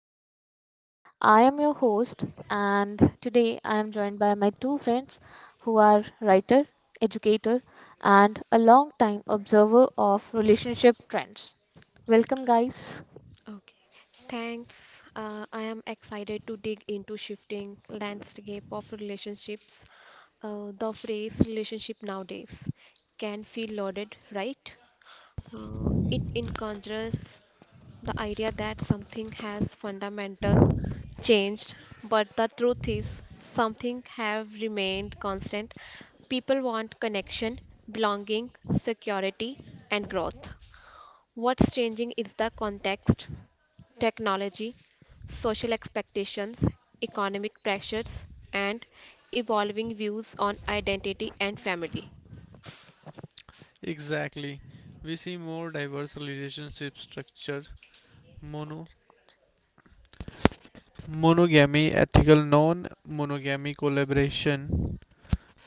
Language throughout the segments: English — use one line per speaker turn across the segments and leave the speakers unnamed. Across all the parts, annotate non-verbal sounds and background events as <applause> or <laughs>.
and partnership. I am your host, and today I am joined by my two friends who are writer, educator, and a long-time observer of relationship trends. Welcome, guys.
Okay, thanks. I am excited to dig into shifting landscape of relationships. The phrase relationship nowadays can feel loaded, right? It encourages the idea that something has fundamental changed, but the truth is something have remained constant. People want connection, belonging, security, and growth. What's changing is the context. Technology, social expectations, economic pressures, and evolving views on identity and family.
Exactly. We see more diverse relationship structure, mono, monogamy, ethical non-monogamy, collaboration,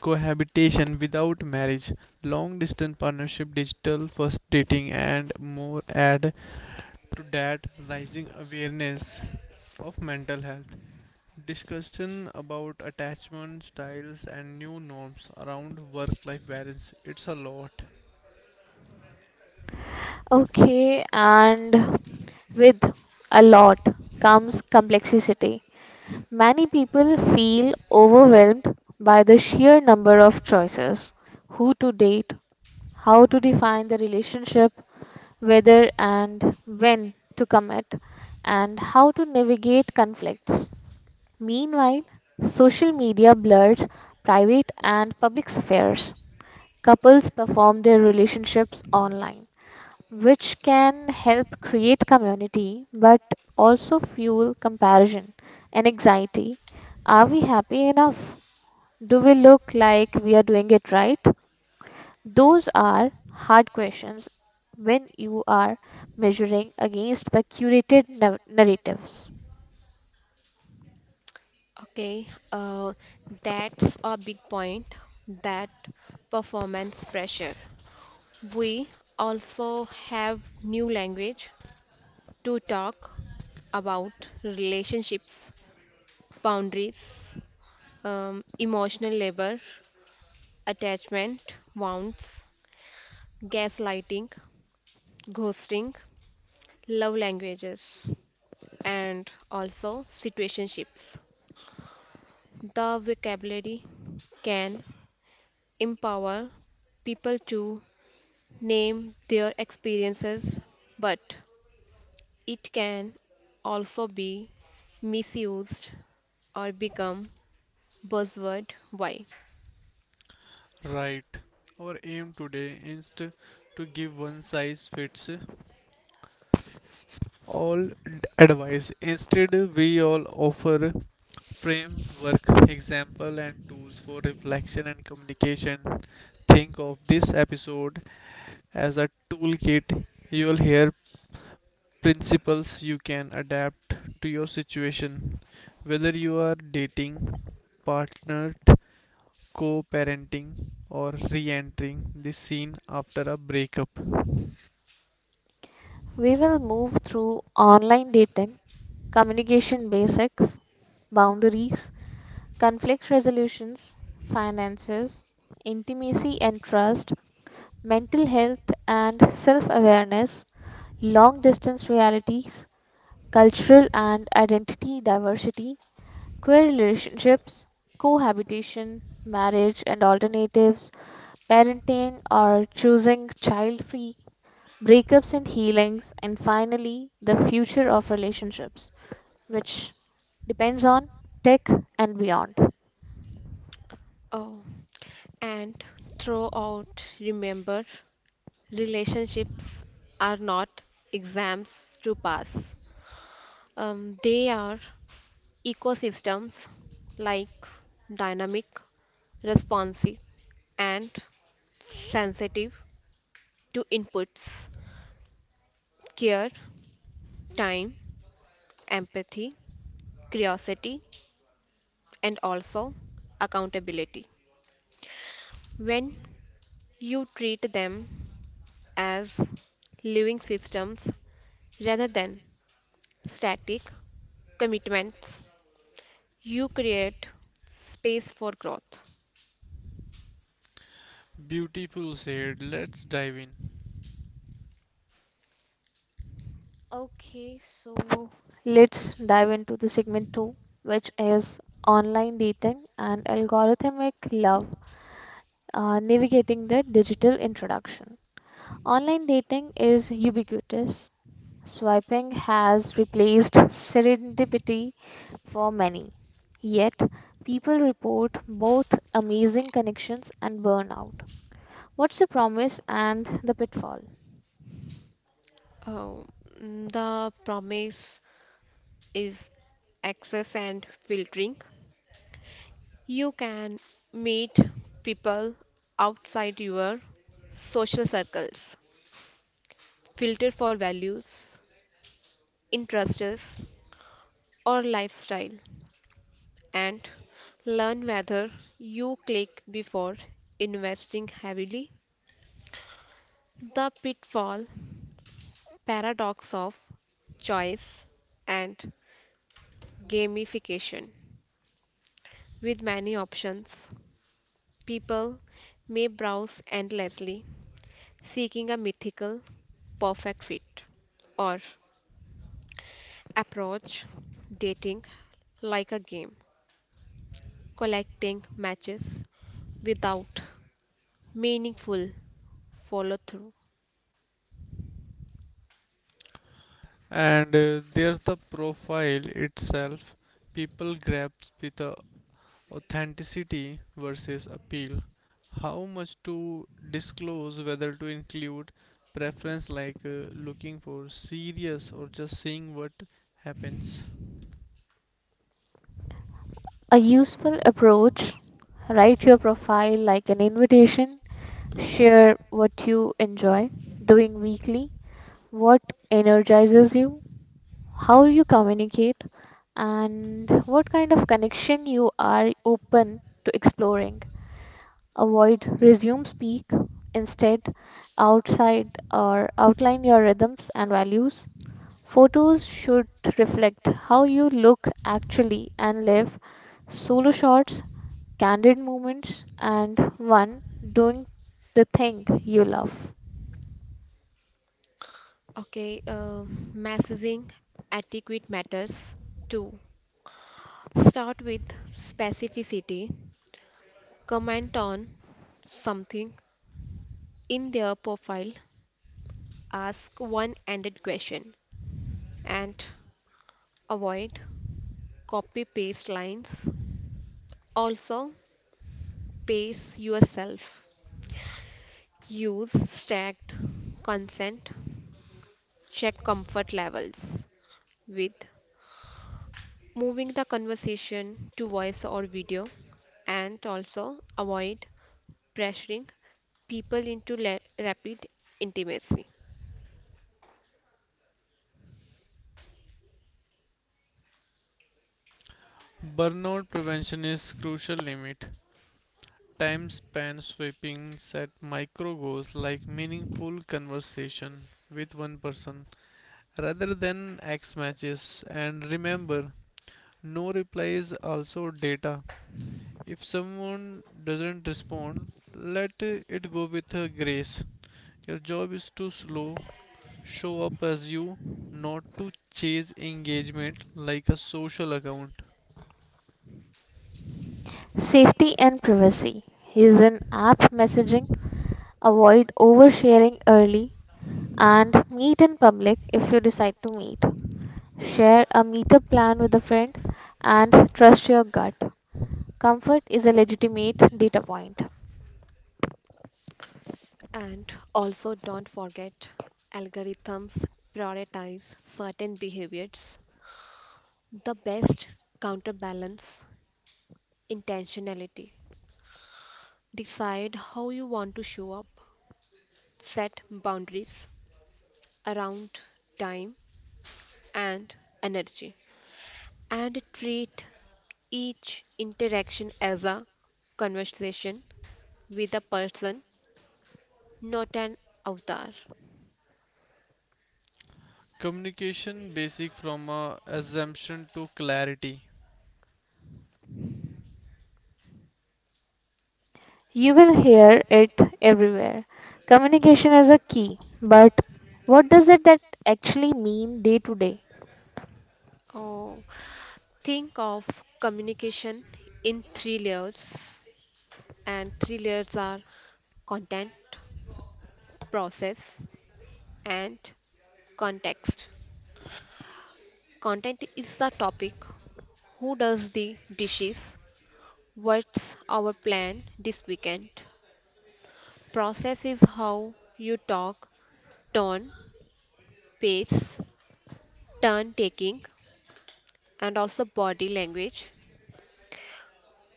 cohabitation without marriage, long-distance partnership, digital first dating, and more. Add to that rising awareness of mental health, discussion about attachment styles, and new norms around work-life balance. It's a lot.
Okay, and with a lot comes complexity. Many people feel overwhelmed by the sheer number of choices: who to date, how to define the relationship, whether and when to commit, and how to navigate conflicts. Meanwhile, social media blurs private and public affairs. Couples perform their relationships online, which can help create community but also fuel comparison and anxiety. Are we happy enough? Do we look like we are doing it right? Those are hard questions when you are measuring against the curated narratives.
Okay, uh, that's a big point that performance pressure. We also have new language to talk about relationships, boundaries, emotional labor, attachment, wounds, gaslighting, ghosting, love languages, and also situationships. The vocabulary can empower people to name their experiences, but it can also be misused or become buzzword why
Right. Our aim today is to give one size fits all advice. Instead, we all offer framework, example, and tools for reflection and communication. Think of this episode as a toolkit. You'll hear principles you can adapt to your situation, whether you are dating, partnered, co parenting, or re entering the scene after a breakup.
We will move through online dating, communication basics, boundaries, conflict resolutions, finances, intimacy and trust, mental health and self awareness, long distance realities, cultural and identity diversity, queer relationships, cohabitation, marriage and alternatives, parenting or choosing child free, breakups and healings, and finally, the future of relationships, which depends on tech and beyond.
oh and throughout remember relationships are not exams to pass they are ecosystems like dynamic, responsive, and sensitive to inputs, care, time, empathy, curiosity, and also accountability. When you treat them as living systems rather than static commitments, you create space for growth.
Beautiful said. Let's dive in.
Okay, so let's dive into the segment two, which is online dating and algorithmic love, navigating the digital introduction. Online dating is ubiquitous. Swiping has replaced serendipity for many. Yet, people report both amazing connections and burnout. What's the promise and the pitfall?
Uh, the promise is access and filtering. You can meet people outside your social circles, filter for values, interests, or lifestyle, and learn whether you click before investing heavily. The pitfall paradox of choice and gamification. With many options, people may browse endlessly seeking a mythical perfect fit or approach dating like a game, collecting matches without meaningful follow through.
And there's the profile itself. People grasp with the authenticity versus appeal. How much to disclose, whether to include preference like looking for serious or just seeing what happens.
A useful approach: write your profile like an invitation. Share what you enjoy doing weekly, what energizes you, how you communicate, and what kind of connection you are open to exploring. Avoid resume speak; instead, outside or outline your rhythms and values. Photos should reflect how you look actually and live. Solo shots, candid moments, and one doing the thing you love.
Okay, uh, messaging etiquette matters too. Start with specificity, comment on something in their profile, ask one ended question, and avoid copy paste lines. Also, pace yourself. Use stacked consent. Check comfort levels with moving the conversation to voice or video. And also, avoid pressuring people into rapid intimacy.
Burnout prevention is crucial limit. Time spent sweeping set micro goals like meaningful conversation with one person rather than X matches. And remember, no reply is also data. If someone doesn't respond, let it go with grace. Your job is to slow, show up as you, not to chase engagement like a social account.
Safety and privacy. Use an app messaging, avoid oversharing early, and meet in public if you decide to meet. Share a meetup plan with a friend and trust your gut. Comfort is a legitimate data point.
And also, don't forget algorithms prioritize certain behaviors. The best counterbalance intentionality. Decide how you want to show up, set boundaries around time and energy, and treat each interaction as a conversation with a person, not an avatar.
Communication basic from a assumption to clarity.
You will hear it everywhere. Communication is a key, but what does it that actually mean day to day?
Oh, think of communication in three layers, and three layers are content, process, and context. Content is the topic. Who does the dishes? What's our plan this weekend? Process is how you talk, tone, pace, turn taking, and also body language.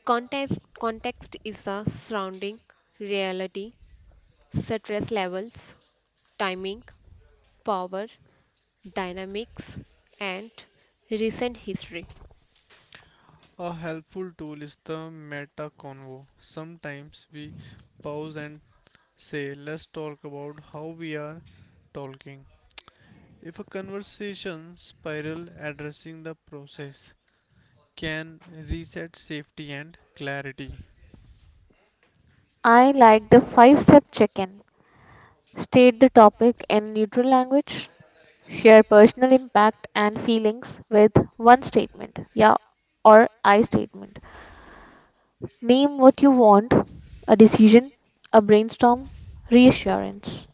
Context, context is the surrounding, reality, stress levels, timing, power, dynamics, and recent history.
A helpful tool is the meta convo. Sometimes we pause and Say, let's talk about how we are talking. If a conversation spiral addressing the process can reset safety and clarity.
I like the five step check in. State the topic in neutral language. Share personal impact and feelings with one statement, yeah or I statement. Name what you want, a decision, a brainstorm, reassurance.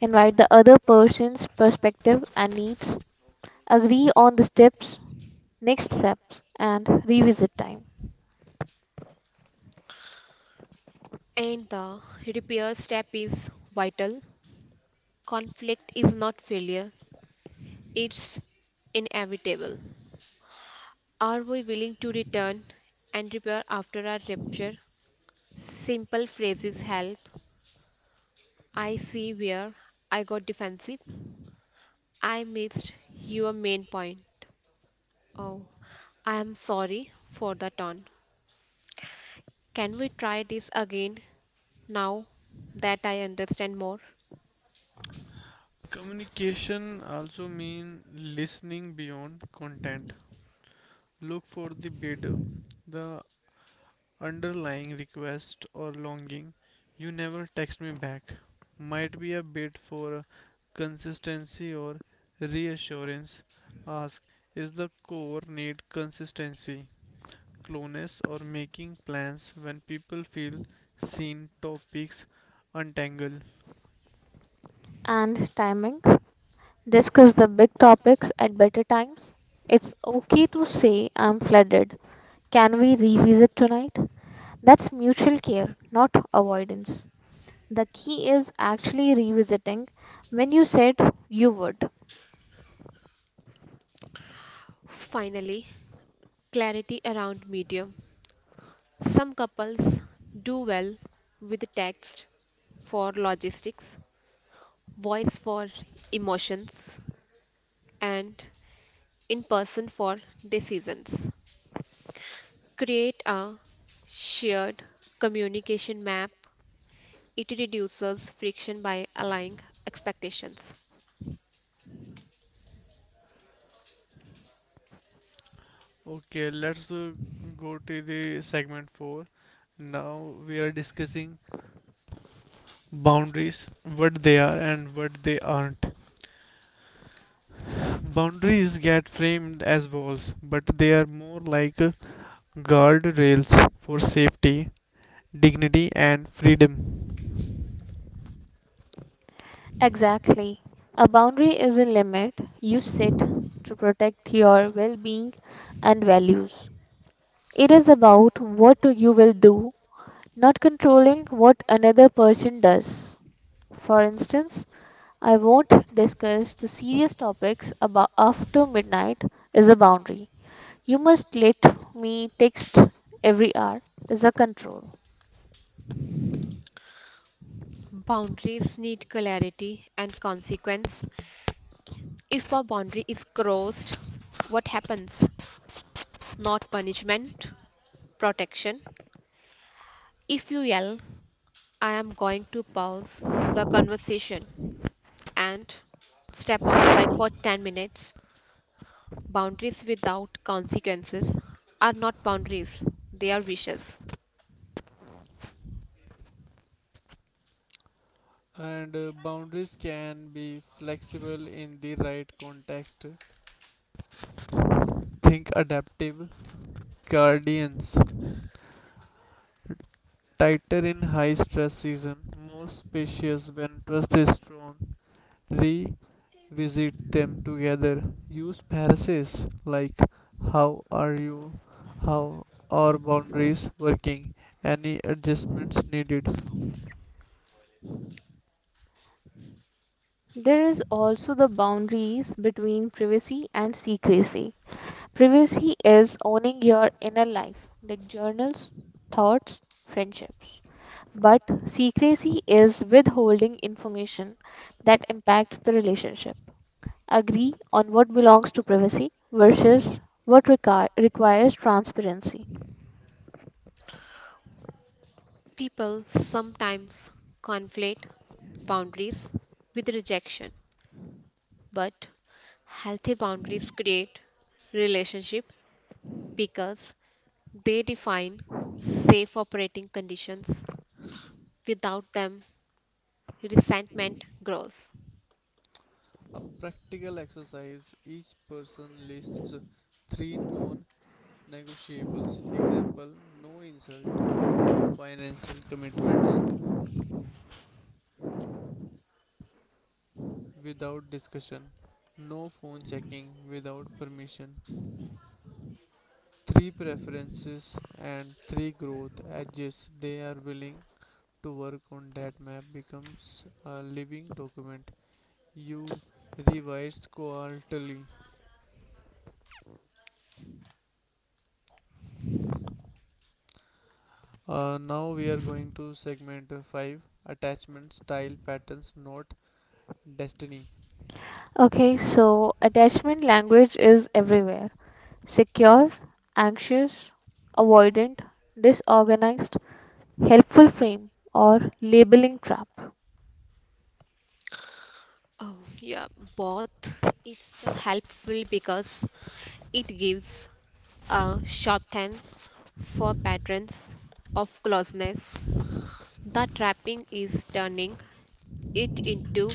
Invite the other person's perspective and needs. Agree on the steps, next steps, and revisit time.
And the repair step is vital. Conflict is not failure, it's inevitable. Are we willing to return and repair after our rupture? Simple phrases help. I see where I got defensive. I missed your main point. Oh, I am sorry for the tone. Can we try this again now that I understand more?
Communication also means listening beyond content. Look for the bid, the underlying request or longing you never text me back might be a bid for consistency or reassurance ask is the core need consistency closeness or making plans when people feel seen topics untangle.
And timing. Discuss the big topics at better times. It's okay to say I'm flooded. Can we revisit tonight? That's mutual care, not avoidance. The key is actually revisiting when you said you would.
Finally, clarity around medium. Some couples do well with text for logistics, voice for emotions, and in person for decisions. Create a shared communication map. It reduces friction by aligning expectations.
Okay let's uh, go to the segment 4. Now we are discussing boundaries, what they are and what they aren't. Boundaries get framed as walls, but they are more like guardrails for safety, dignity, and freedom.
Exactly. A boundary is a limit you set to protect your well being and values. It is about what you will do, not controlling what another person does. For instance, I won't discuss the serious topics about after midnight is a boundary. You must let me text every hour is a control.
Boundaries need clarity and consequence. If a boundary is crossed, what happens? Not punishment, protection. If you yell, I am going to pause the conversation and step outside for 10 minutes. Boundaries without consequences are not boundaries, they are wishes.
And Boundaries can be flexible in the right context. Think adaptive guardians, tighter in high stress season, more spacious when trust is strong, re visit them together. Use phrases like how are you, how are boundaries working, any adjustments needed.
There is also the boundaries between privacy and secrecy. Privacy is owning your inner life, like journals, thoughts, friendships. But secrecy is withholding information that impacts the relationship. Agree on what belongs to privacy versus what requires transparency.
People sometimes conflate boundaries with rejection, but healthy boundaries create relationship because they define safe operating conditions. Without them, resentment grows.
A practical exercise each person lists three non negotiables. Example no insult, no financial commitments without discussion, no phone checking without permission, three preferences, and three growth edges they are willing to work on that map becomes a living document you revise quarterly. Now we are going to segment 5, attachment style patterns not destiny.
Okay, so attachment language is everywhere: secure, anxious, avoidant, disorganized, helpful frame or labeling trap.
Oh, yeah, both. It's helpful because it gives a shorthand for patterns of closeness. The trapping is turning it into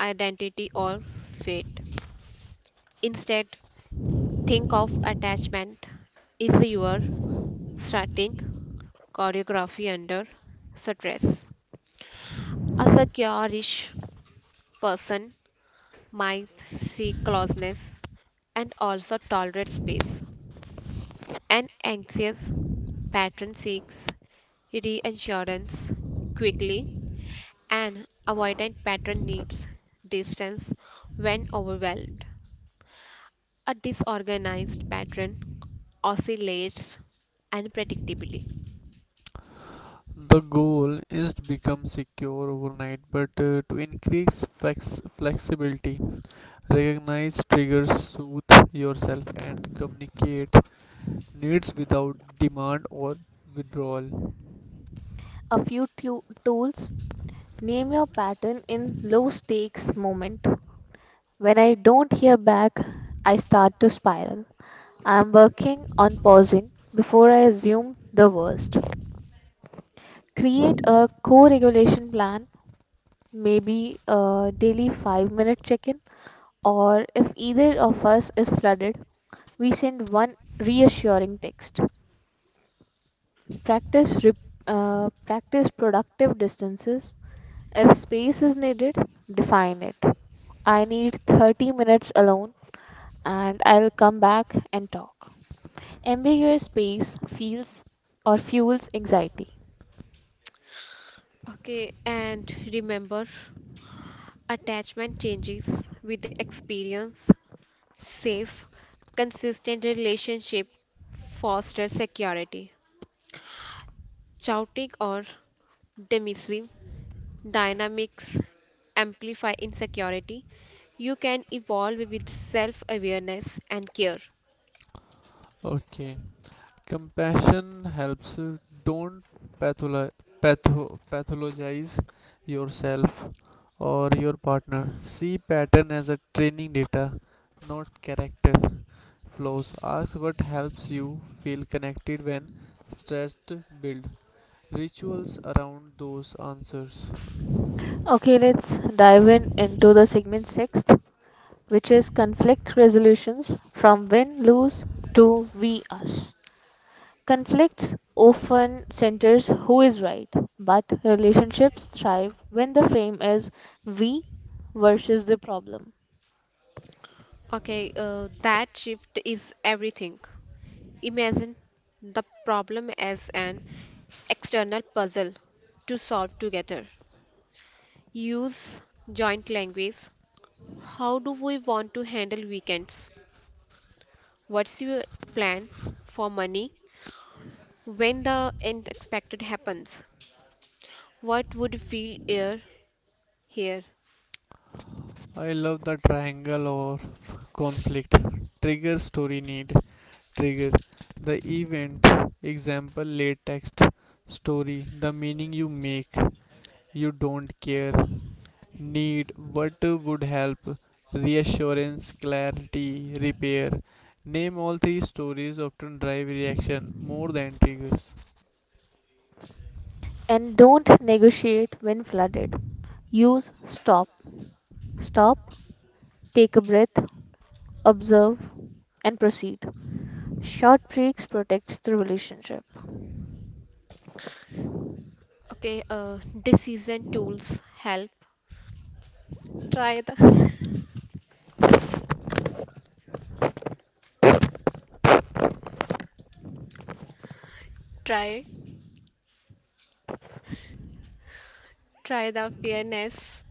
identity or fate. Instead, think of attachment is your starting choreography under stress. A secure-ish person might seek closeness and also tolerate space. An anxious pattern seeks reassurance quickly. An avoidant pattern needs distance when overwhelmed. A disorganized pattern oscillates unpredictably.
The goal is to become secure overnight but to increase flexibility, recognize triggers, soothe yourself, and communicate needs without demand or withdrawal.
A few tools: name your pattern in low stakes moment. When I don't hear back, I start to spiral. I am working on pausing before I assume the worst. Create a co regulation plan, maybe a daily 5-minute check in, or if either of us is flooded, we send one reassuring text. Practice, rep- practice productive distances. If space is needed, define it. I need 30 minutes alone and I'll come back and talk. Ambiguous space feels or fuels anxiety.
Okay, and remember attachment changes with experience. Safe, consistent relationship foster security. Chaotic or dismissive dynamics amplify insecurity. You can evolve with self awareness and care.
Okay. Compassion helps. Don't patholo- pathologize yourself or your partner. See pattern as a training data, not character flaws. Ask what helps you feel connected when stressed. Build rituals around those answers.
Okay, let's dive in into the segment sixth, which is conflict resolutions from win lose to we us. Conflicts often centers who is right, but relationships thrive when the frame is we versus the problem.
Okay, that shift is everything. Imagine the problem as an external puzzle to solve together. Use joint language. How do we want to handle weekends? What's your plan for money when the unexpected happens? What would feel here? Here.
I love the triangle or conflict. Trigger story need. Trigger the event example late text. Story the meaning you make you don't care. Need what would help reassurance clarity repair. Name all three stories often drive reaction more than triggers.
And don't negotiate when flooded. Use stop. Stop, take a breath, observe, and proceed. Short breaks protects the relationship.
Okay. Decision tools help. Try the. <laughs> try. Try the fairness.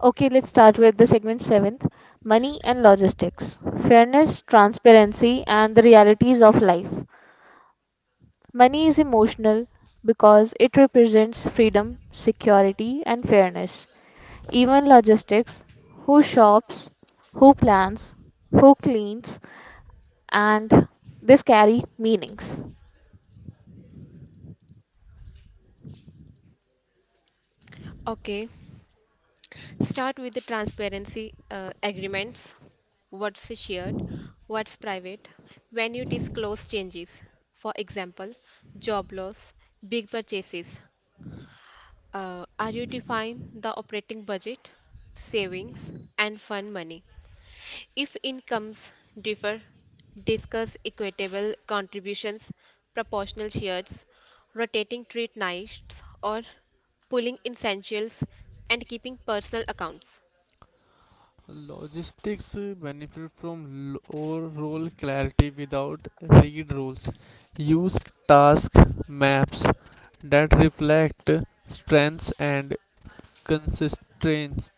Okay, let's start with the segment seventh, money and logistics. Fairness, transparency, and the realities of life. Money is emotional because it represents freedom, security, and fairness. Even logistics: who shops, who plans, who cleans, and this carry meanings.
Okay. Start with the transparency agreements. What's shared, what's private, when you disclose changes. For example, job loss, big purchases. Are you define the operating budget, savings, and fund money? If incomes differ, discuss equitable contributions, proportional shares, rotating treat nights, or pooling essentials and keeping personal accounts.
Logistics benefit from low role clarity without read roles. Use task maps that reflect strengths and Constraints.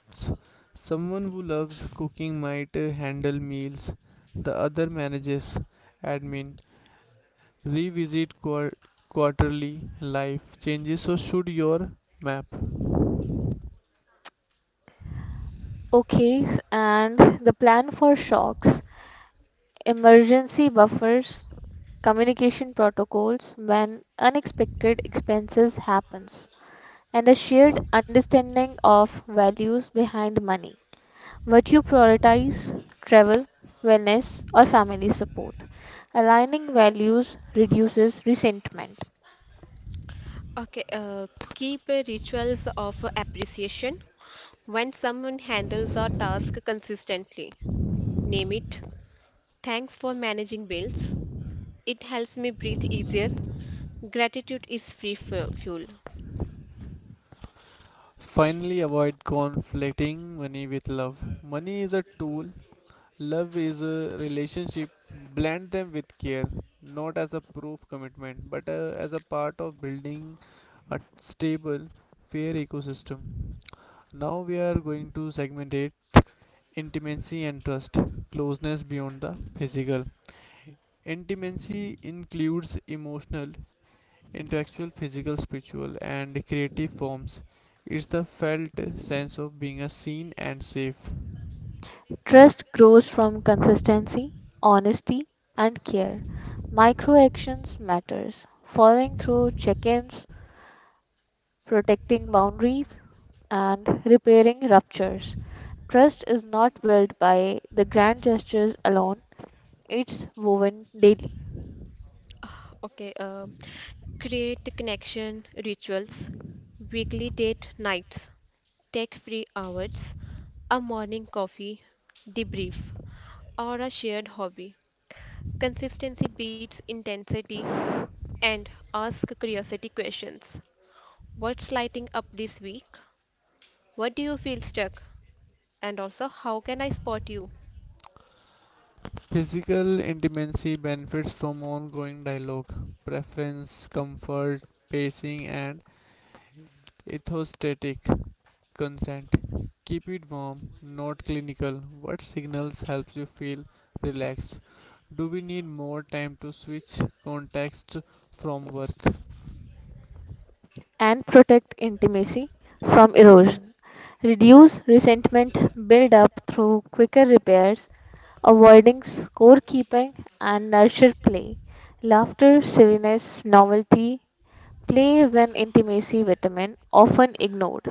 Someone who loves cooking might handle meals, the other manages admin. Revisit quarterly life changes, so should your map.
And the plan for shocks, emergency buffers, communication protocols when unexpected expenses happens, and a shared understanding of values behind money. What you prioritize: travel, wellness, or family support. Aligning values reduces resentment.
Okay, uh, keep rituals of appreciation when someone handles a task consistently. Name it. Thanks for managing bills. It helps me breathe easier. Gratitude is free fuel.
Finally, avoid conflicting money with love. Money is a tool, love is a relationship. Blend them with care, not as a proof commitment, but as a part of building a stable, fair ecosystem. Now we are going to segment it intimacy and trust, closeness beyond the physical. Intimacy includes emotional, intellectual, physical, spiritual, and creative forms. It's the felt sense of being seen and safe.
Trust grows from consistency, honesty, and care. Micro actions matters. Following through check-ins, protecting boundaries, and repairing ruptures. Trust is not built by the grand gestures alone. It's woven daily,
Ah, Okay, uh, create connection rituals, weekly date nights, take free hours, a morning coffee, debrief, or a shared hobby. Consistency beats intensity and ask curiosity questions. What's lighting up this week? What do you feel stuck? And also, how can I spot you?
Physical intimacy benefits from ongoing dialogue, preference, comfort, pacing, and ethostatic Consent. Keep it warm, not clinical. What signals helps you feel relaxed? Do we need more time to switch context from work?
and protect intimacy from erosion. Reduce resentment, build up through quicker repairs, avoiding scorekeeping and nurture play. Laughter, silliness, novelty, play is an intimacy vitamin often ignored.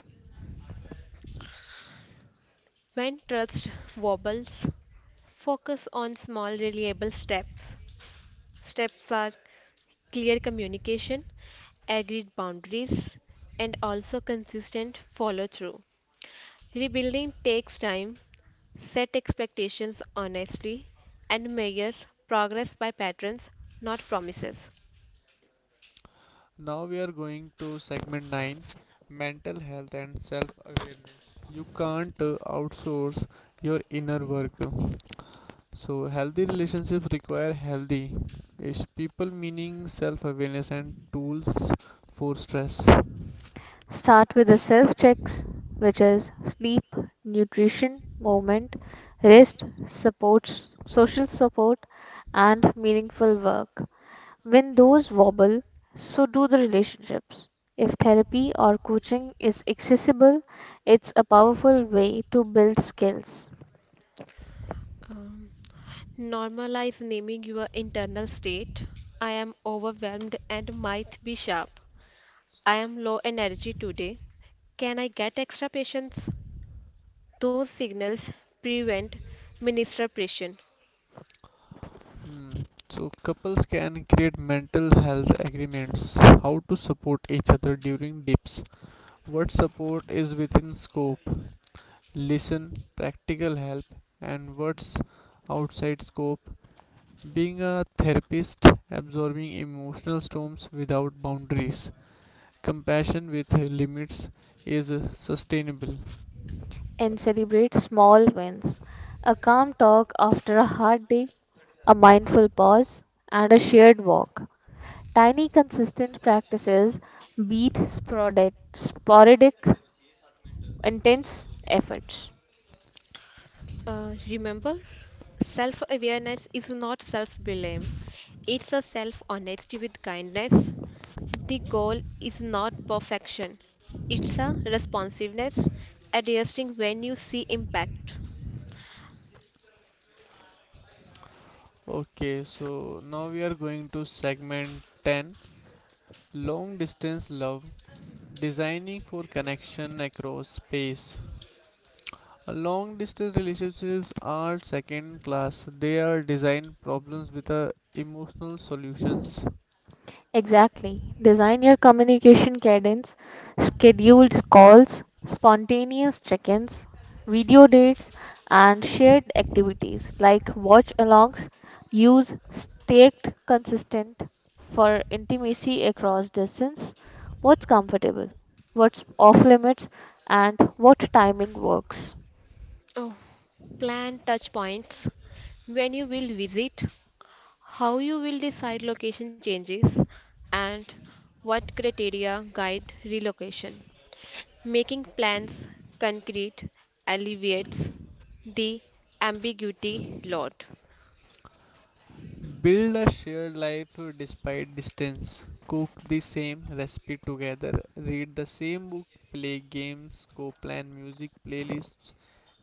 When trust wobbles, focus on small, reliable steps. Steps are clear communication, agreed boundaries, and also consistent follow through. Rebuilding takes time, set expectations honestly, and measure progress by patterns, not promises.
Now we are going to segment 9, mental health and self awareness. You can't outsource your inner work. So, healthy relationships require healthy yes, people, meaning self awareness and tools for stress.
Start with the self checks, which is sleep, nutrition, movement, rest, support, social support, and meaningful work. When those wobble, so do the relationships. If therapy or coaching is accessible, it's a powerful way to build skills.
Um, Normalize naming your internal state. I am overwhelmed and might be sharp. I am low energy today. Can I get extra patience? Those signals prevent ministration.
Mm, So couples can create mental health agreements, how to support each other during dips, what support is within scope, listen, practical help, and what's outside scope, being a therapist, absorbing emotional storms without boundaries, compassion with limits is sustainable.
And celebrate small wins. A calm talk after a hard day, a mindful pause, and a shared walk. Tiny, consistent practices beat sporadic, intense efforts.
Remember, self awareness is not self blame, it's a self honesty with kindness. The goal is not perfection, it's a responsiveness, adjusting when you see impact.
Okay, so now we are going to segment 10, long distance love. Designing for connection across space. Long distance relationships are second class. They are design problems with a emotional solutions.
Exactly. Design your communication cadence, scheduled calls, spontaneous check ins, video dates, and shared activities like watch alongs. Use staked consistent for intimacy across distance: what's comfortable, what's off limits, and what timing works.
Oh, plan touch points. When you will visit, how you will decide location changes, and what criteria guide relocation. Making plans concrete alleviates the ambiguity lot.
Build a shared life despite distance. Cook the same recipe together. Read the same book. Play games. Co plan music playlists.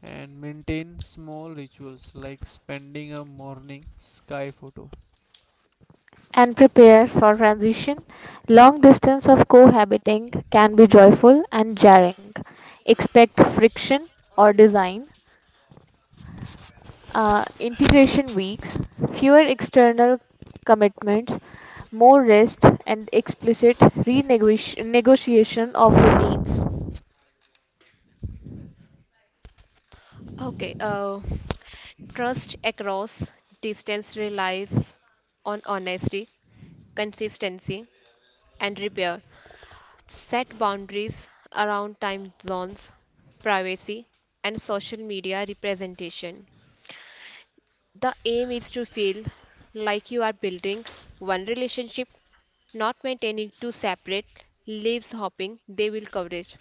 And maintain small rituals like spending a morning sky photo.
And prepare for transition. Long distance of cohabiting can be joyful and jarring. Expect friction or design, integration weeks, fewer external commitments, more rest, and explicit renegotiation of routines.
Okay, uh, trust across distance relies on honesty, consistency, and repair. Set boundaries around time zones, privacy, and social media representation. The aim is to feel like you are building one relationship, not maintaining two separate lives hoping they will coverage.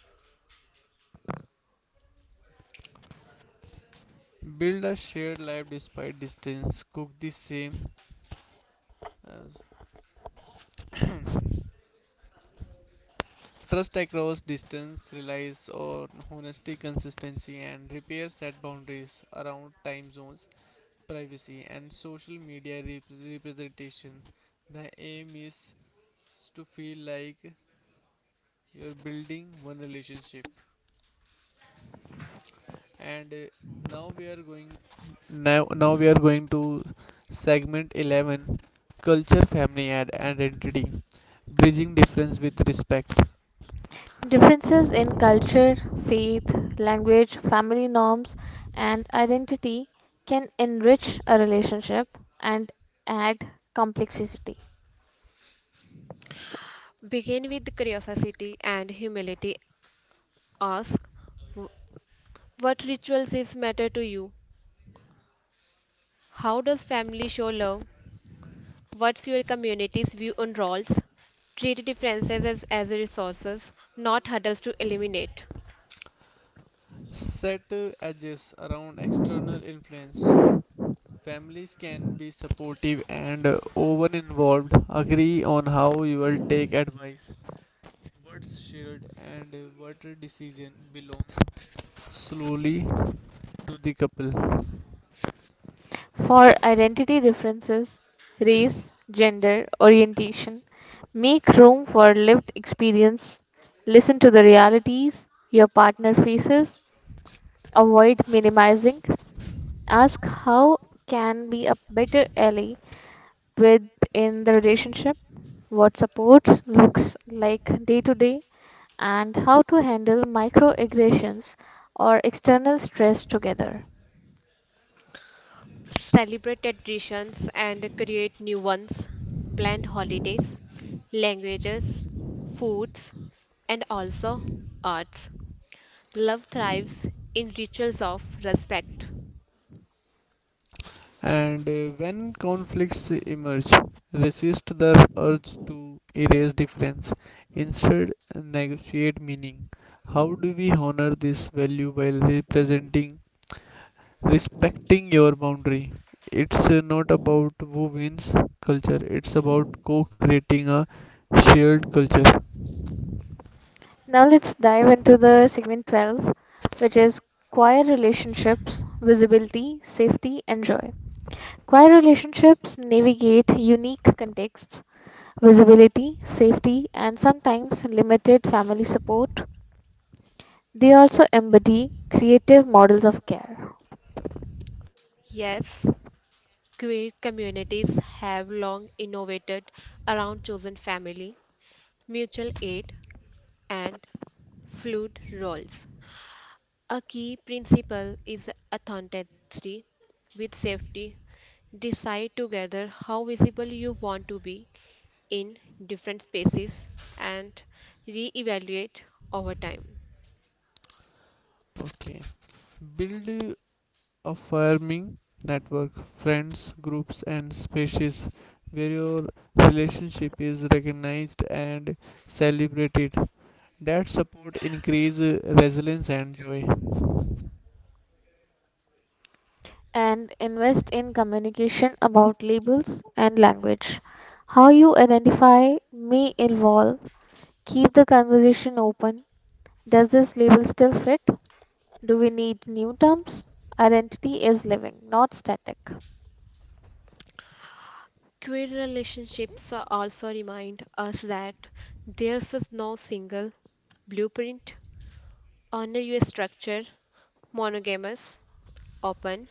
Build a shared life despite distance. Cook the same as Trust across distance relies on honesty, consistency, and repair set boundaries around time zones, privacy, and social media representation. The aim is to feel like you're building one relationship. And now we are going. Now, now we are going to segment 11, culture family and identity, bridging difference with respect.
Differences in culture, faith, language, family norms, and identity can enrich a relationship and add complexity.
Begin with curiosity and humility. Ask, "Wh- what rituals is matter to you? How does family show love? What's your community's view on roles? Treat differences as resources, not hurdles to eliminate.
Set edges around external influence. Families can be supportive and over involved. Agree on how you will take advice, what's shared, and what decision belongs slowly to the couple.
For identity differences, race, gender, orientation, make room for lived experience. Listen to the realities your partner faces. Avoid minimizing. Ask how can be a better ally within the relationship, what supports looks like day to day, and how to handle microaggressions or external stress together.
Celebrate traditions and create new ones. Blend holidays, languages, foods, and also arts. Love thrives in rituals of respect.
And When conflicts emerge, resist the urge to erase difference. Instead, negotiate meaning. How do we honor this value while representing respecting your boundary? It's not about who wins culture, it's about co-creating a shared culture.
Now let's dive into the segment 12, which is choir relationships, visibility, safety, and joy. Choir relationships navigate unique contexts: visibility, safety, and sometimes limited family support. They also embody creative models of care,
Yes, queer communities have long innovated around chosen family, mutual aid, and fluid roles. A key principle is authenticity with safety. Decide together how visible you want to be in different spaces and reevaluate over time.
Okay, build a farming network, friends groups and spaces where your relationship is recognized and celebrated. That support increase resilience and joy.
and invest in communication about labels and language. How you identify may evolve. Keep the conversation open. Does this label still fit? Do we need new terms? Identity is living, not static.
Queer relationships are also remind us that there's is no single blueprint on a US structure, monogamous, open,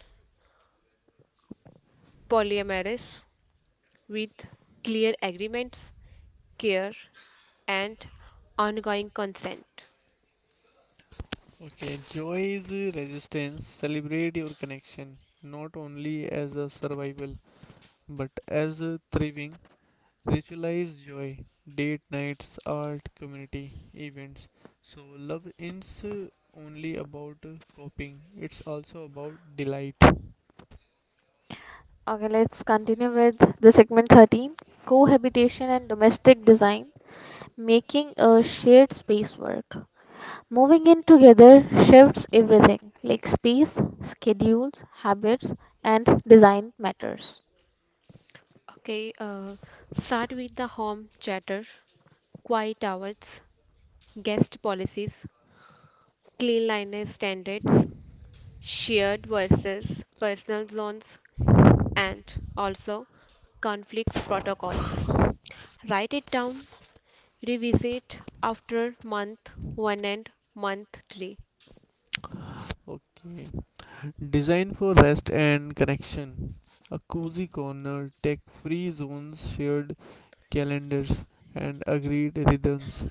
polyamorous, with clear agreements, care, and ongoing consent.
Okay, joy is resistance. Celebrate your connection not only as a survival, But as a thriving, ritualized joy, date nights, art, community, events. So love is only about coping, it's also about delight.
Okay, let's continue with the segment 13, cohabitation and domestic design, making a shared space work. Moving in together shifts everything like space, schedules, habits, and design matters.
Okay, uh, start with the home chatter, quiet hours, guest policies, cleanliness standards, shared versus personal zones, and also conflict protocols. Write it down, revisit after month 1 and month 3.
Okay. Designed for rest and connection. A cozy corner, tech free zones, shared calendars, and agreed rhythms.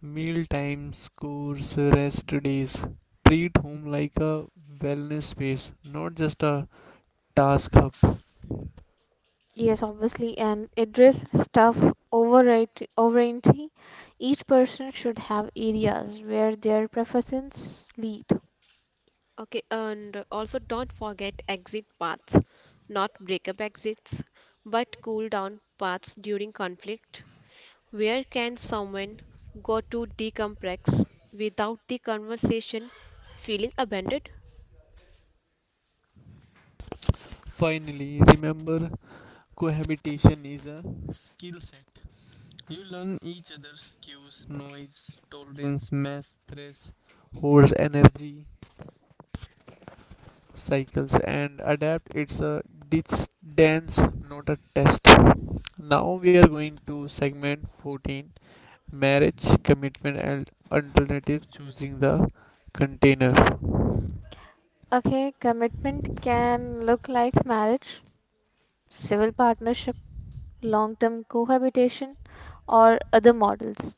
Meal times, course, rest days. Treat home like a wellness space, not just a task hub.
Yes, obviously, and address stuff overriding. Each person should have areas where their preferences lead.
Okay, and also don't forget exit paths, not breakup exits, but cool down paths during conflict. Where can someone go to decompress without the conversation feeling abandoned?
Finally, remember cohabitation is a skill set. You learn each other's cues, noise, tolerance, mass, stress, hold energy, cycles, and adapt. It's a ditch dance, not a test. Now we are going to segment 14, marriage, commitment, and alternative choosing the container.
Okay, commitment can look like marriage, civil partnership, long term cohabitation, or other models.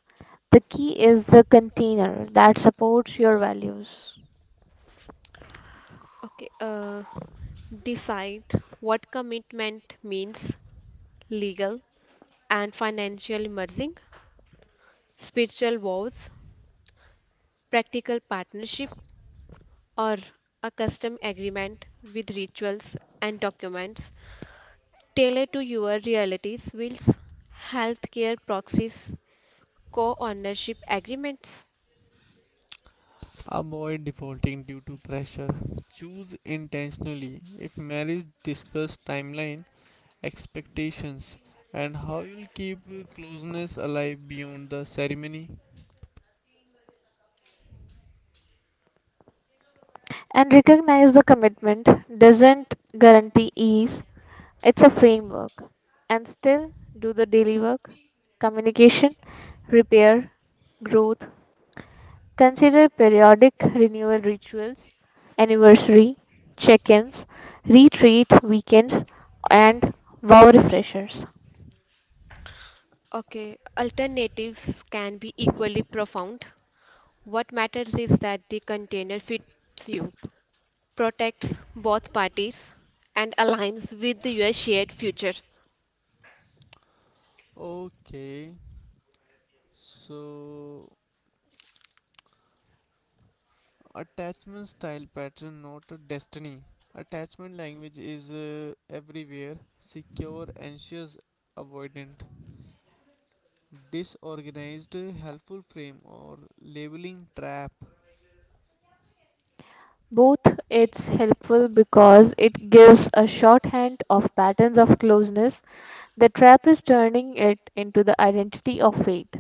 The key is the container that supports your values.
Okay, uh, decide what commitment means legal and financial merging, spiritual vows, practical partnership, or a custom agreement with rituals and documents tailored to your realities, wills, healthcare proxies, co ownership agreements.
Avoid defaulting due to pressure. Choose intentionally. If marriage discuss timeline, expectations, and how you'll keep closeness alive beyond the ceremony.
And recognize the commitment doesn't guarantee ease, it's a framework. And still do the daily work: communication, repair, growth. Consider periodic renewal rituals, anniversary, check ins, retreat weekends, and wow refreshers.
Okay, alternatives can be equally profound. What matters is that the container fits you, protects both parties, and aligns with your shared future.
Okay, so attachment style pattern, not a destiny. Attachment language is everywhere secure, anxious, avoidant, disorganized, helpful frame, or labeling trap.
Both: it's helpful because it gives a shorthand of patterns of closeness. The trap is turning it into the identity of fate.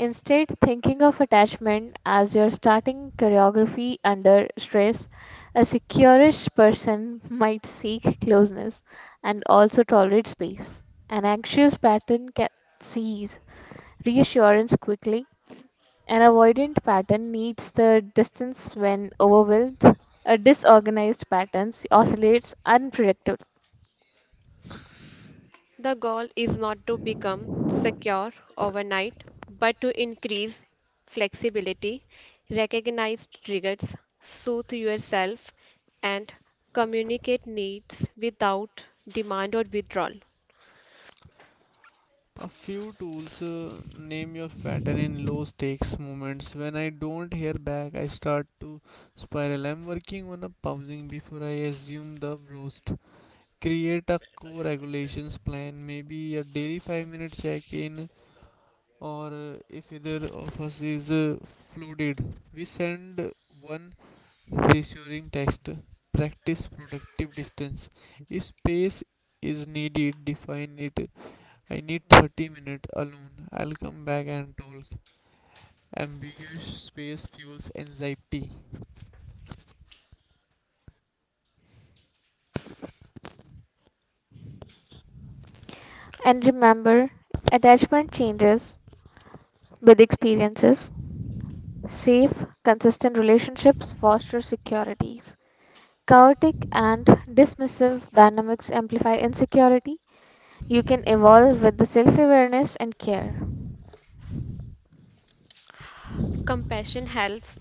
Instead, thinking of attachment as your starting choreography under stress, a securish person might seek closeness and also tolerate space. An anxious pattern sees reassurance quickly. An avoidant pattern needs the distance when overwhelmed. A disorganized pattern oscillates unpredictably.
The goal is not to become secure overnight, but to increase flexibility, recognize triggers, soothe yourself, and communicate needs without demand or withdrawal.
A few tools name your pattern in low stakes moments. When I don't hear back, I start to spiral. I'm working on a pausing before I assume the roast. Create a core regulations plan, maybe a daily 5-minute check in, or if either of us is flooded, we send one reassuring text. Practice productive distance. If space is needed, define it. I need 30 minutes alone. I'll come back and talk. Ambiguous space fuels anxiety.
And remember, attachment changes with experiences. Safe, consistent relationships foster securities. Chaotic and dismissive dynamics amplify insecurity. You can evolve with the self awareness and care.
Compassion helps.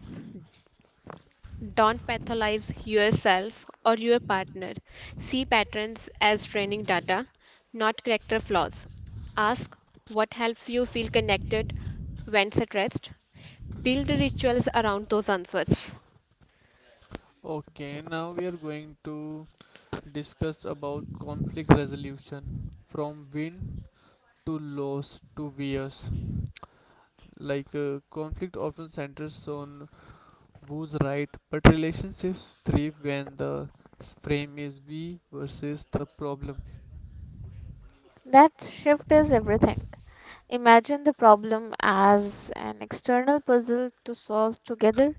Don't pathologize yourself or your partner. See patterns as training data, not character flaws. Ask what helps you feel connected when stressed. Build rituals around those answers.
Okay, now we are going to discuss about conflict resolution from win to loss to VS. Like conflict often centers on who's right, but relationships thrive when the frame is we versus the problem.
That shift is everything. Imagine the problem as an external puzzle to solve together.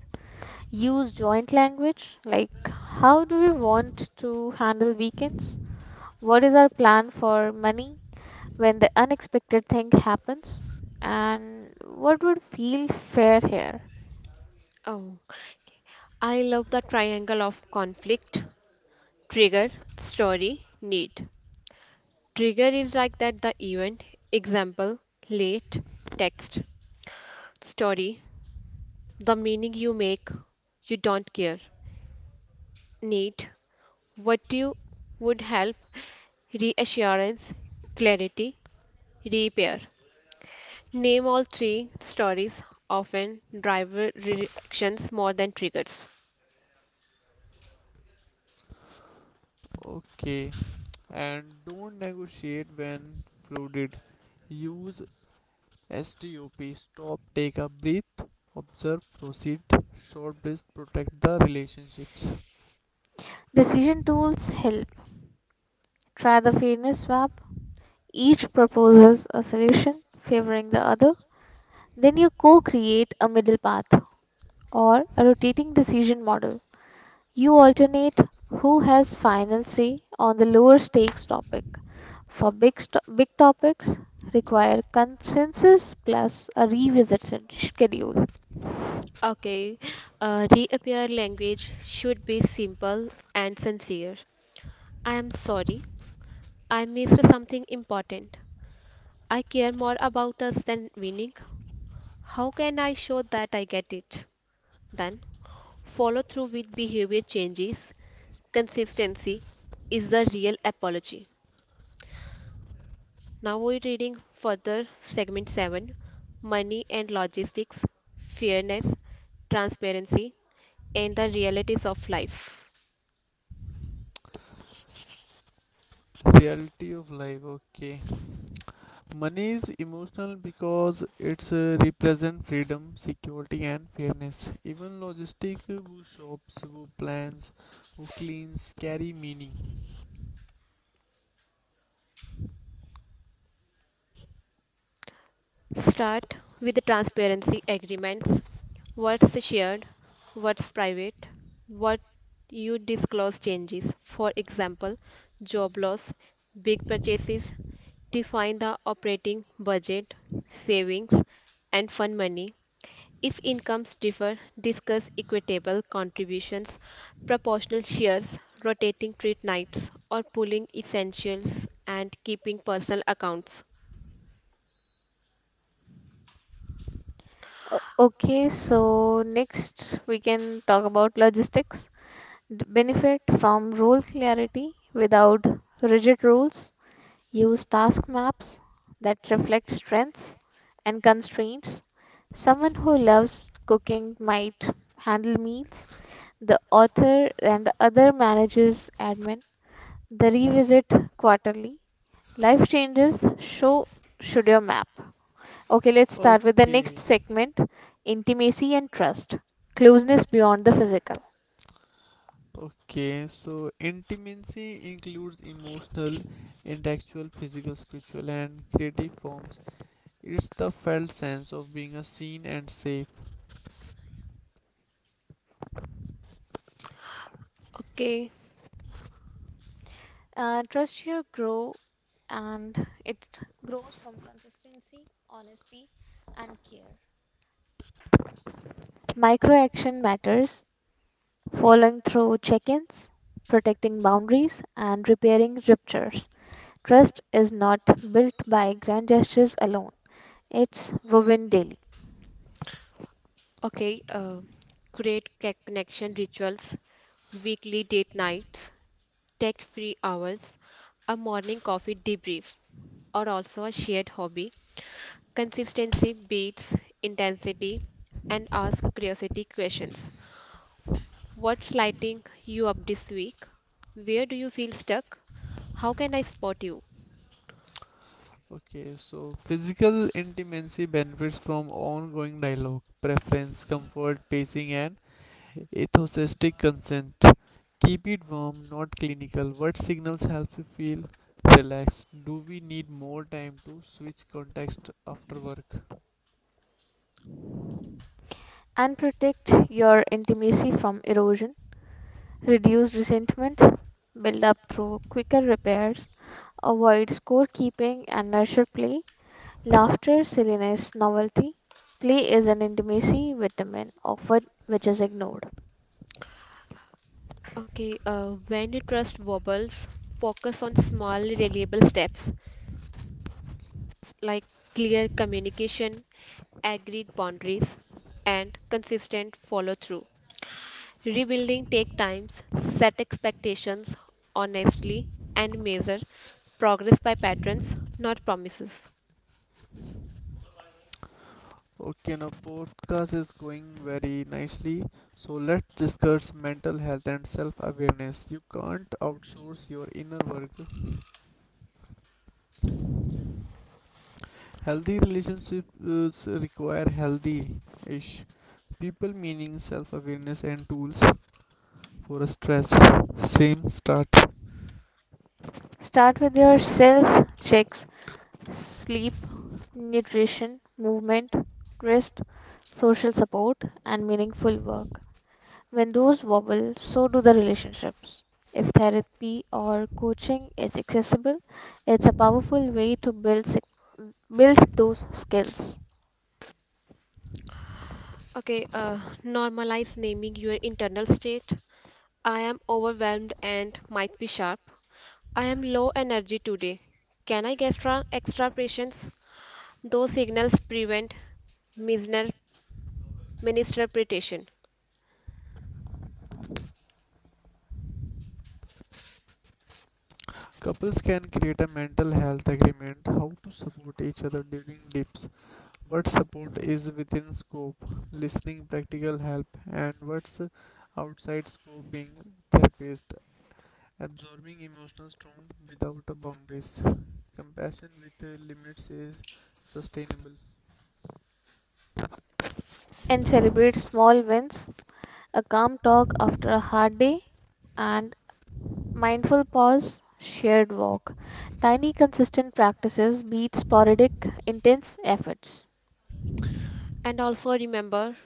Use joint language like how do we want to handle weekends? What is our plan for money when the unexpected thing happens? And what would feel fair here?
Oh, okay. I love the triangle of conflict, trigger, story, need. Trigger is like that the event, example, late, text, story, the meaning you make, you don't care. Need, what you would help reassurance, clarity, repair. Name all three stories, often driver reactions more than triggers.
Okay, and don't negotiate when flooded. Use STUP, stop, take a breath, observe, proceed. Short breath, protect the relationships.
Decision tools help. Try the fairness swap. Each proposes a solution favoring the other. Then you co create a middle path or a rotating decision model. You alternate who has final say on the lower stakes topic. For big topics, require consensus plus a schedule.
Okay, reappear language should be simple and sincere. I am sorry. I missed something important. I care more about us than winning. How can I show that I get it? Then follow through with behavior changes. Consistency is the real apology. Now we're reading further segment 7, Money and Logistics, Fairness, Transparency, and the Realities of Life.
Reality of life, okay. Money is emotional because it's represent freedom, security, and fairness. Even logistic, who shops, who plans, who cleans, carry meaning.
Start with the transparency agreements, what's shared, what's private, what you disclose changes. For example, job loss, big purchases, define the operating budget, savings, and fund money. If incomes differ, discuss equitable contributions, proportional shares, rotating treat nights, or pooling essentials and keeping personal accounts.
Okay, so next we can talk about logistics. Benefit from rule clarity without rigid rules. Use task maps that reflect strengths and constraints. Someone who loves cooking might handle meals. The author and the other manages admin. The revisit quarterly. Life changes show should your map. Okay, let's start with the next
Okay,
segment, intimacy and trust, closeness beyond the physical.
okay. So intimacy includes emotional, intellectual, physical, spiritual, and creative forms. It's the felt sense of being a seen and safe.
Okay,
Trust here and it grows from consistency, honesty, and care. Micro action matters, following through check ins, protecting boundaries, and repairing ruptures. Trust is not built by grand gestures alone, it's woven daily.
okay, uh, create connection rituals, weekly date nights, tech free hours, a morning coffee debrief, or also a shared hobby. Consistency beats intensity and ask curiosity questions. What's lighting you up this week? Where do you feel stuck? How can I spot you?
Okay, so physical intimacy benefits from ongoing dialogue, preference, comfort, pacing, and enthusiastic consent. Keep it warm, not clinical. What signals help you feel relaxed? Do we need more time to switch context after work?
And protect your intimacy from erosion, reduce resentment, build up through quicker repairs, avoid scorekeeping and nurture play, laughter, silliness, novelty. Play is an intimacy vitamin often which is ignored.
Okay, when you trust wobbles, focus on small, reliable steps like clear communication, agreed boundaries, and consistent follow through. Rebuilding take times, set expectations honestly, and measure progress by patterns, not promises.
Okay, now podcast is going very nicely. So let's discuss mental health and self awareness. You can't outsource your inner work. Healthy relationships require healthy ish people, meaning self awareness and tools for stress. Same start.
Start with your self checks: sleep, nutrition, movement, rest, social support, and meaningful work. When those wobble, so do the relationships. If therapy or coaching is accessible, it's a powerful way to build sec- build those skills,
Okay, normalize naming your internal state. I am overwhelmed and might be sharp. I am low energy today. Can I get extra patience? Those signals prevent misner- misinterpretation.
Couples can create a mental health agreement, how to support each other during dips, what support is within scope, listening, practical help, and what's outside scope, being therapist, absorbing emotional storm without a boundaries. Compassion with limits is sustainable.
and celebrate small wins, a calm talk after a hard day, and mindful pause, shared walk. Tiny consistent practices beat sporadic intense efforts.
And also remember,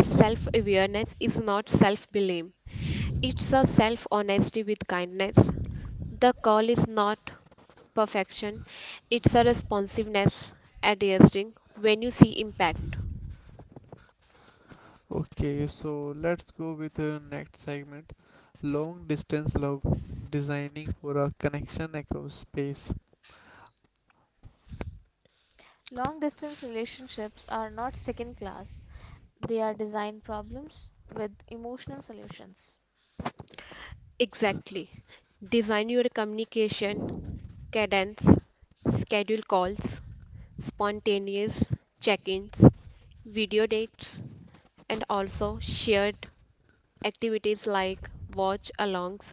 self awareness is not self blame, it's a self honesty with kindness. The call is not perfection, it's a responsiveness adjusting when you see impact.
Okay, so let's go with the next segment, long distance love, designing for a connection across space.
Long distance relationships are not second class. They are design problems with emotional solutions.
Exactly. Design your communication cadence, schedule calls, spontaneous check ins, video dates, and also shared activities like watch alongs.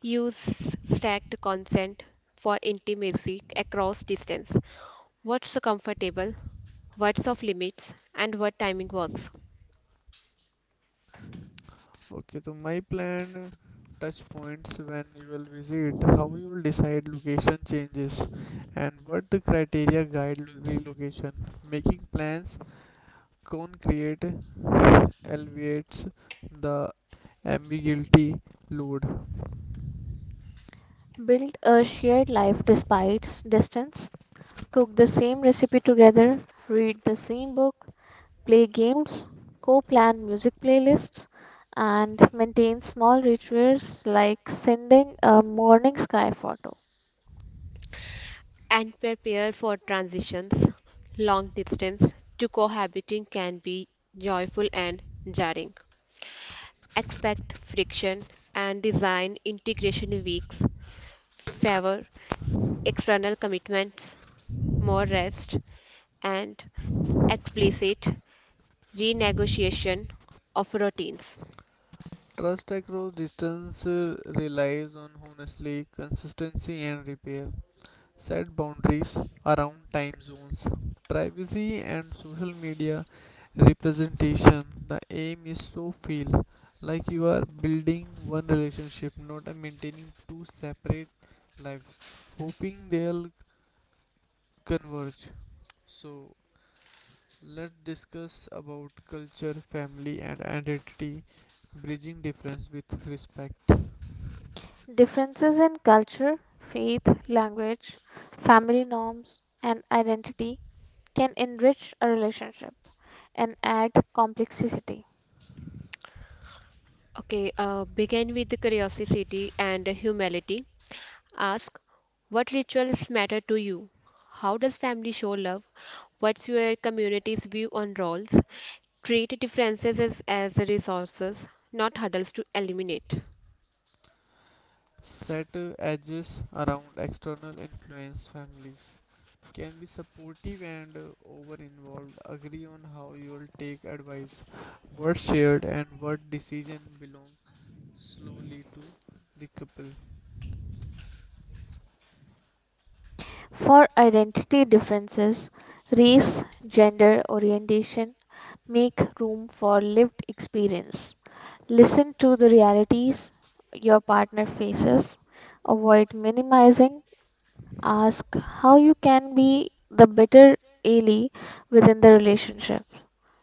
Use stacked consent for intimacy across distance. What's comfortable, what's of limits, and what timing works.
Okay, so my plan touch points when you will visit, how you will decide location changes, and what the criteria guide relocation. Making plans concrete alleviates the ambiguity load.
Build a shared life despite distance. Cook the same recipe together. Read the same book. Play games. Co plan music playlists. And maintain small rituals like sending a morning sky photo.
And prepare for transitions. Long distance to cohabiting can be joyful and jarring. Expect friction and design integration weeks, favor external commitments, more rest, and explicit renegotiation of routines.
Trust across distance relies on honestly consistency and repair. Set boundaries around time zones, privacy, and social media representation. The aim is so feel like you are building one relationship, not a maintaining two separate lives, hoping they'll converge. So let's discuss about culture, family, and identity, bridging difference with respect.
Differences in culture, faith, language, family norms, and identity can enrich a relationship and add complexity.
Okay, begin with curiosity and humility. Ask what rituals matter to you? How does family show love? What's your community's view on roles? Treat differences as resources, not hurdles to eliminate.
Set edges around external influence. Families can be supportive and over involved. Agree on how you'll take advice, what's shared, and what decision belong slowly to the couple.
For identity differences, race, gender, orientation, make room for lived experience. Listen to the realities your partner faces, avoid minimizing, ask how you can be the better ally within the relationship,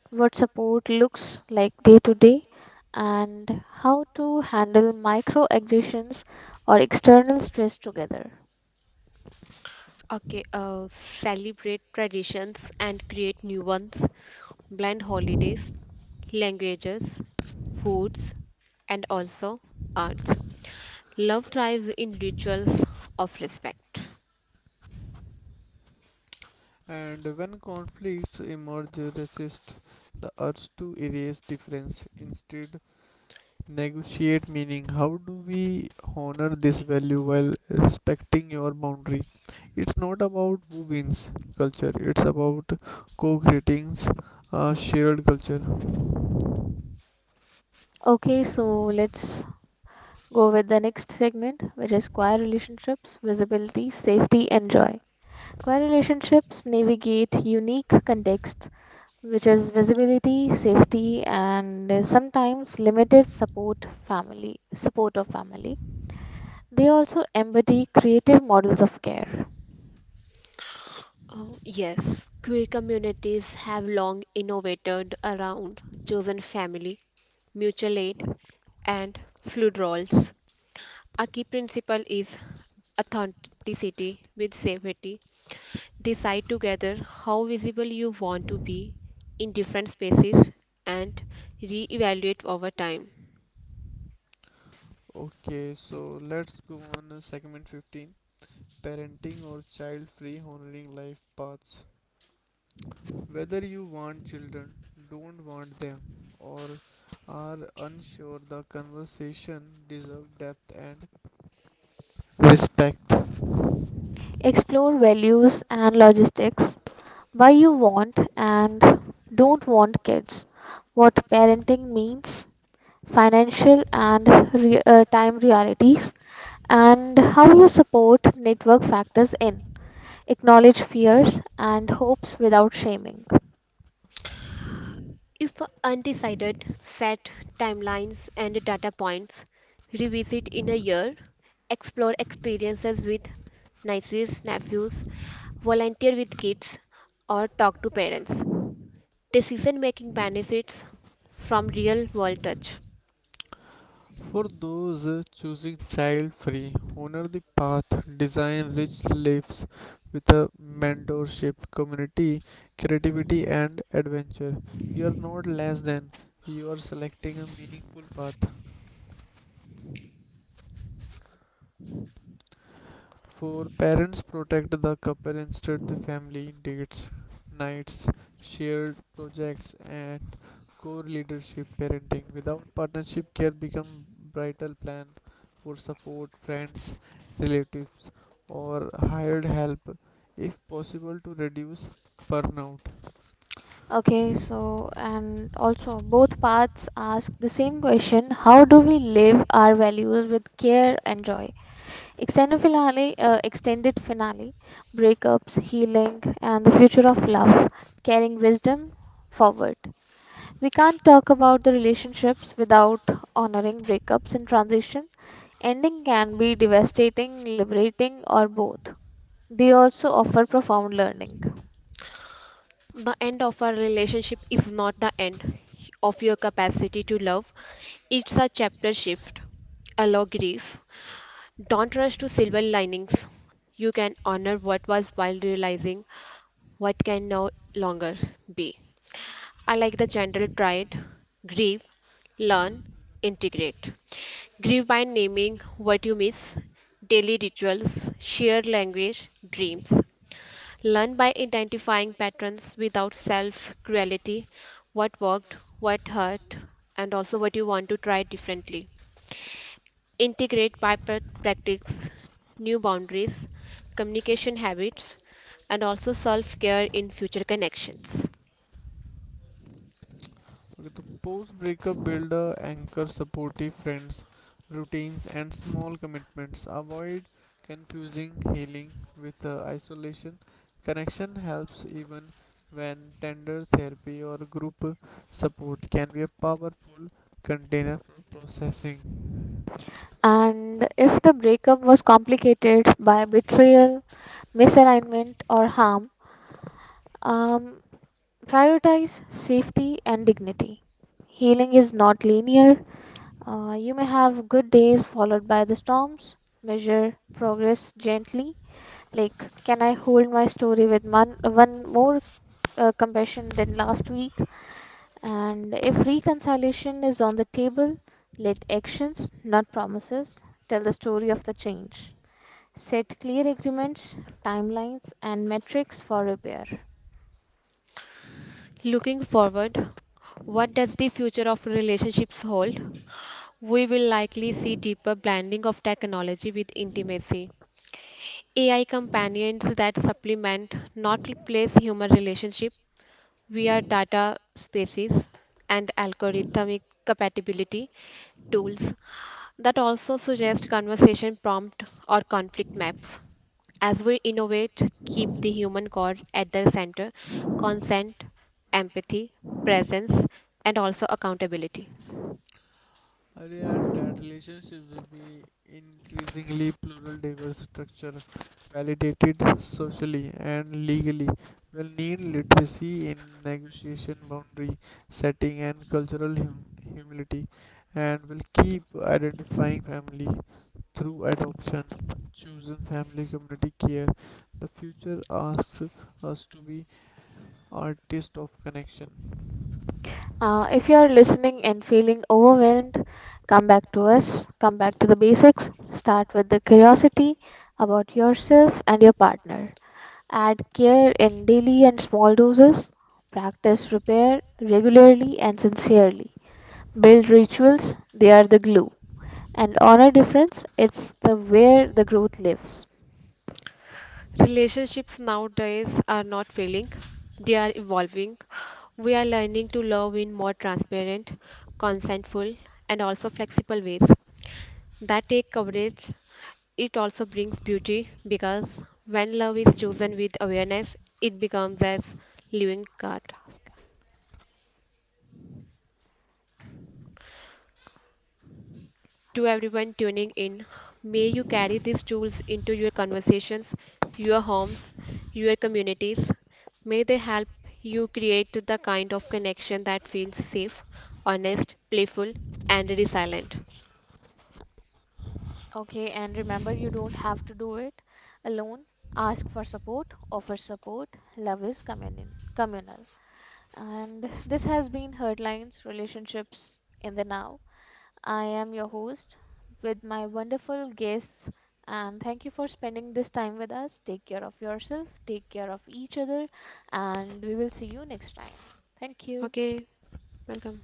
what support looks like day to day, and how to handle microaggressions or external stress together.
Okay, celebrate traditions and create new ones, blend holidays, languages, foods, and also arts. Love thrives in rituals of respect.
And when conflicts emerge, resist the urge to erase difference. Instead, negotiate meaning. How do we honor this value while respecting your boundary? It's not about who wins culture, it's about co creating a shared culture.
Okay, so let's go with the next segment, which is choir relationships, visibility, safety, and joy. Choir relationships navigate unique contexts, which is visibility, safety, and sometimes limited support family support of family. They also embody creative models of care.
Oh, yes, queer communities have long innovated around chosen family, mutual aid, and fluid roles. A key principle is authenticity with safety. Decide together how visible you want to be in different spaces and re-evaluate over time.
Okay, so let's go on segment 15, parenting or child free honoring life paths. Whether you want children, don't want them, or are unsure, the conversation deserves depth and respect.
Explore values and logistics: why you want and don't want kids, what parenting means, financial and time realities and how you support network factors in. Acknowledge fears and hopes without shaming.
If undecided, set timelines and data points. Revisit in a year. Explore experiences with nieces, nephews, volunteer with kids, or talk to parents. Decision making benefits from real world touch.
For those choosing child free, honor the path, design rich lives with a mentorship, community, creativity, and adventure. You are not less than, you are selecting a meaningful path. For parents, protect the couple instead the family dates, nights, shared projects, and Core leadership parenting without partnership care become vital. Plan for support friends, relatives or hired help if possible to reduce burnout.
Okay, so and also both paths ask the same question: how do we live our values with care and joy? Extended finale, breakups, healing, and the future of love, carrying wisdom forward. We can't talk about the relationships without honoring breakups and transitions. Ending can be devastating, liberating, or both. They also offer profound learning.
The end of a relationship is not the end of your capacity to love, it's a chapter shift. Allow grief. Don't rush to silver linings. You can honor what was while realizing what can no longer be. I like the general triad grieve, learn, integrate. Grieve by naming what you miss, daily rituals, shared language, dreams. Learn by identifying patterns without self cruelty what worked, what hurt, and also what you want to try differently. Integrate by practice new boundaries, communication habits, and also self care in future connections.
Okay, the post breakup builder anchor supportive friends, routines, and small commitments. Avoid confusing healing with isolation. Connection helps even when tender therapy or group support can be a powerful container for processing.
And if the breakup was complicated by betrayal, misalignment, or harm, um, prioritize safety and dignity. Healing is not linear. You may have good days followed by the storms. Measure progress gently. Like, can I hold my story with one more compassion than last week? And if reconciliation is on the table, let actions, not promises, tell the story of the change. Set clear agreements, timelines, and metrics for repair.
Looking forward, what does the future of relationships hold? We will likely see deeper blending of technology with intimacy. AI companions that supplement, not replace human relationship, we are data spaces and algorithmic compatibility tools that also suggest conversation prompt or conflict maps. As we innovate, keep the human core at the center, consent, empathy, presence, and also accountability.
Early that relationships will be increasingly plural, diverse structure, validated socially and legally. Will need literacy in negotiation, boundary setting, and cultural humility, and will keep identifying family through adoption, chosen family, community care. The future asks us to be artists of connection.
If you are listening and feeling overwhelmed, come back to us, come back to the basics. Start with the curiosity about yourself and your partner. Add care in daily and small doses. Practice repair regularly and sincerely. Build rituals, they are the glue. And on a difference, it's the where the growth lives.
Relationships nowadays are not failing, they are evolving. We are learning to love in more transparent, consentful, and also flexible ways. That take coverage it also brings beauty because when love is chosen with awareness it becomes as living card
Last line.
to everyone tuning in, may you carry these tools into your conversations, your homes, your communities, may they help you create the kind of connection that feels safe, honest, playful, and resilient.
Okay, and remember, you don't have to do it alone. Ask for support, offer support. Love is communion, communal. And this has been Hurtlines Relationships in the Now. I am your host with my wonderful guests, and thank you for spending this time with us. Take care of yourself, take care of each other, and we will see you next time. Thank you.
Okay, welcome.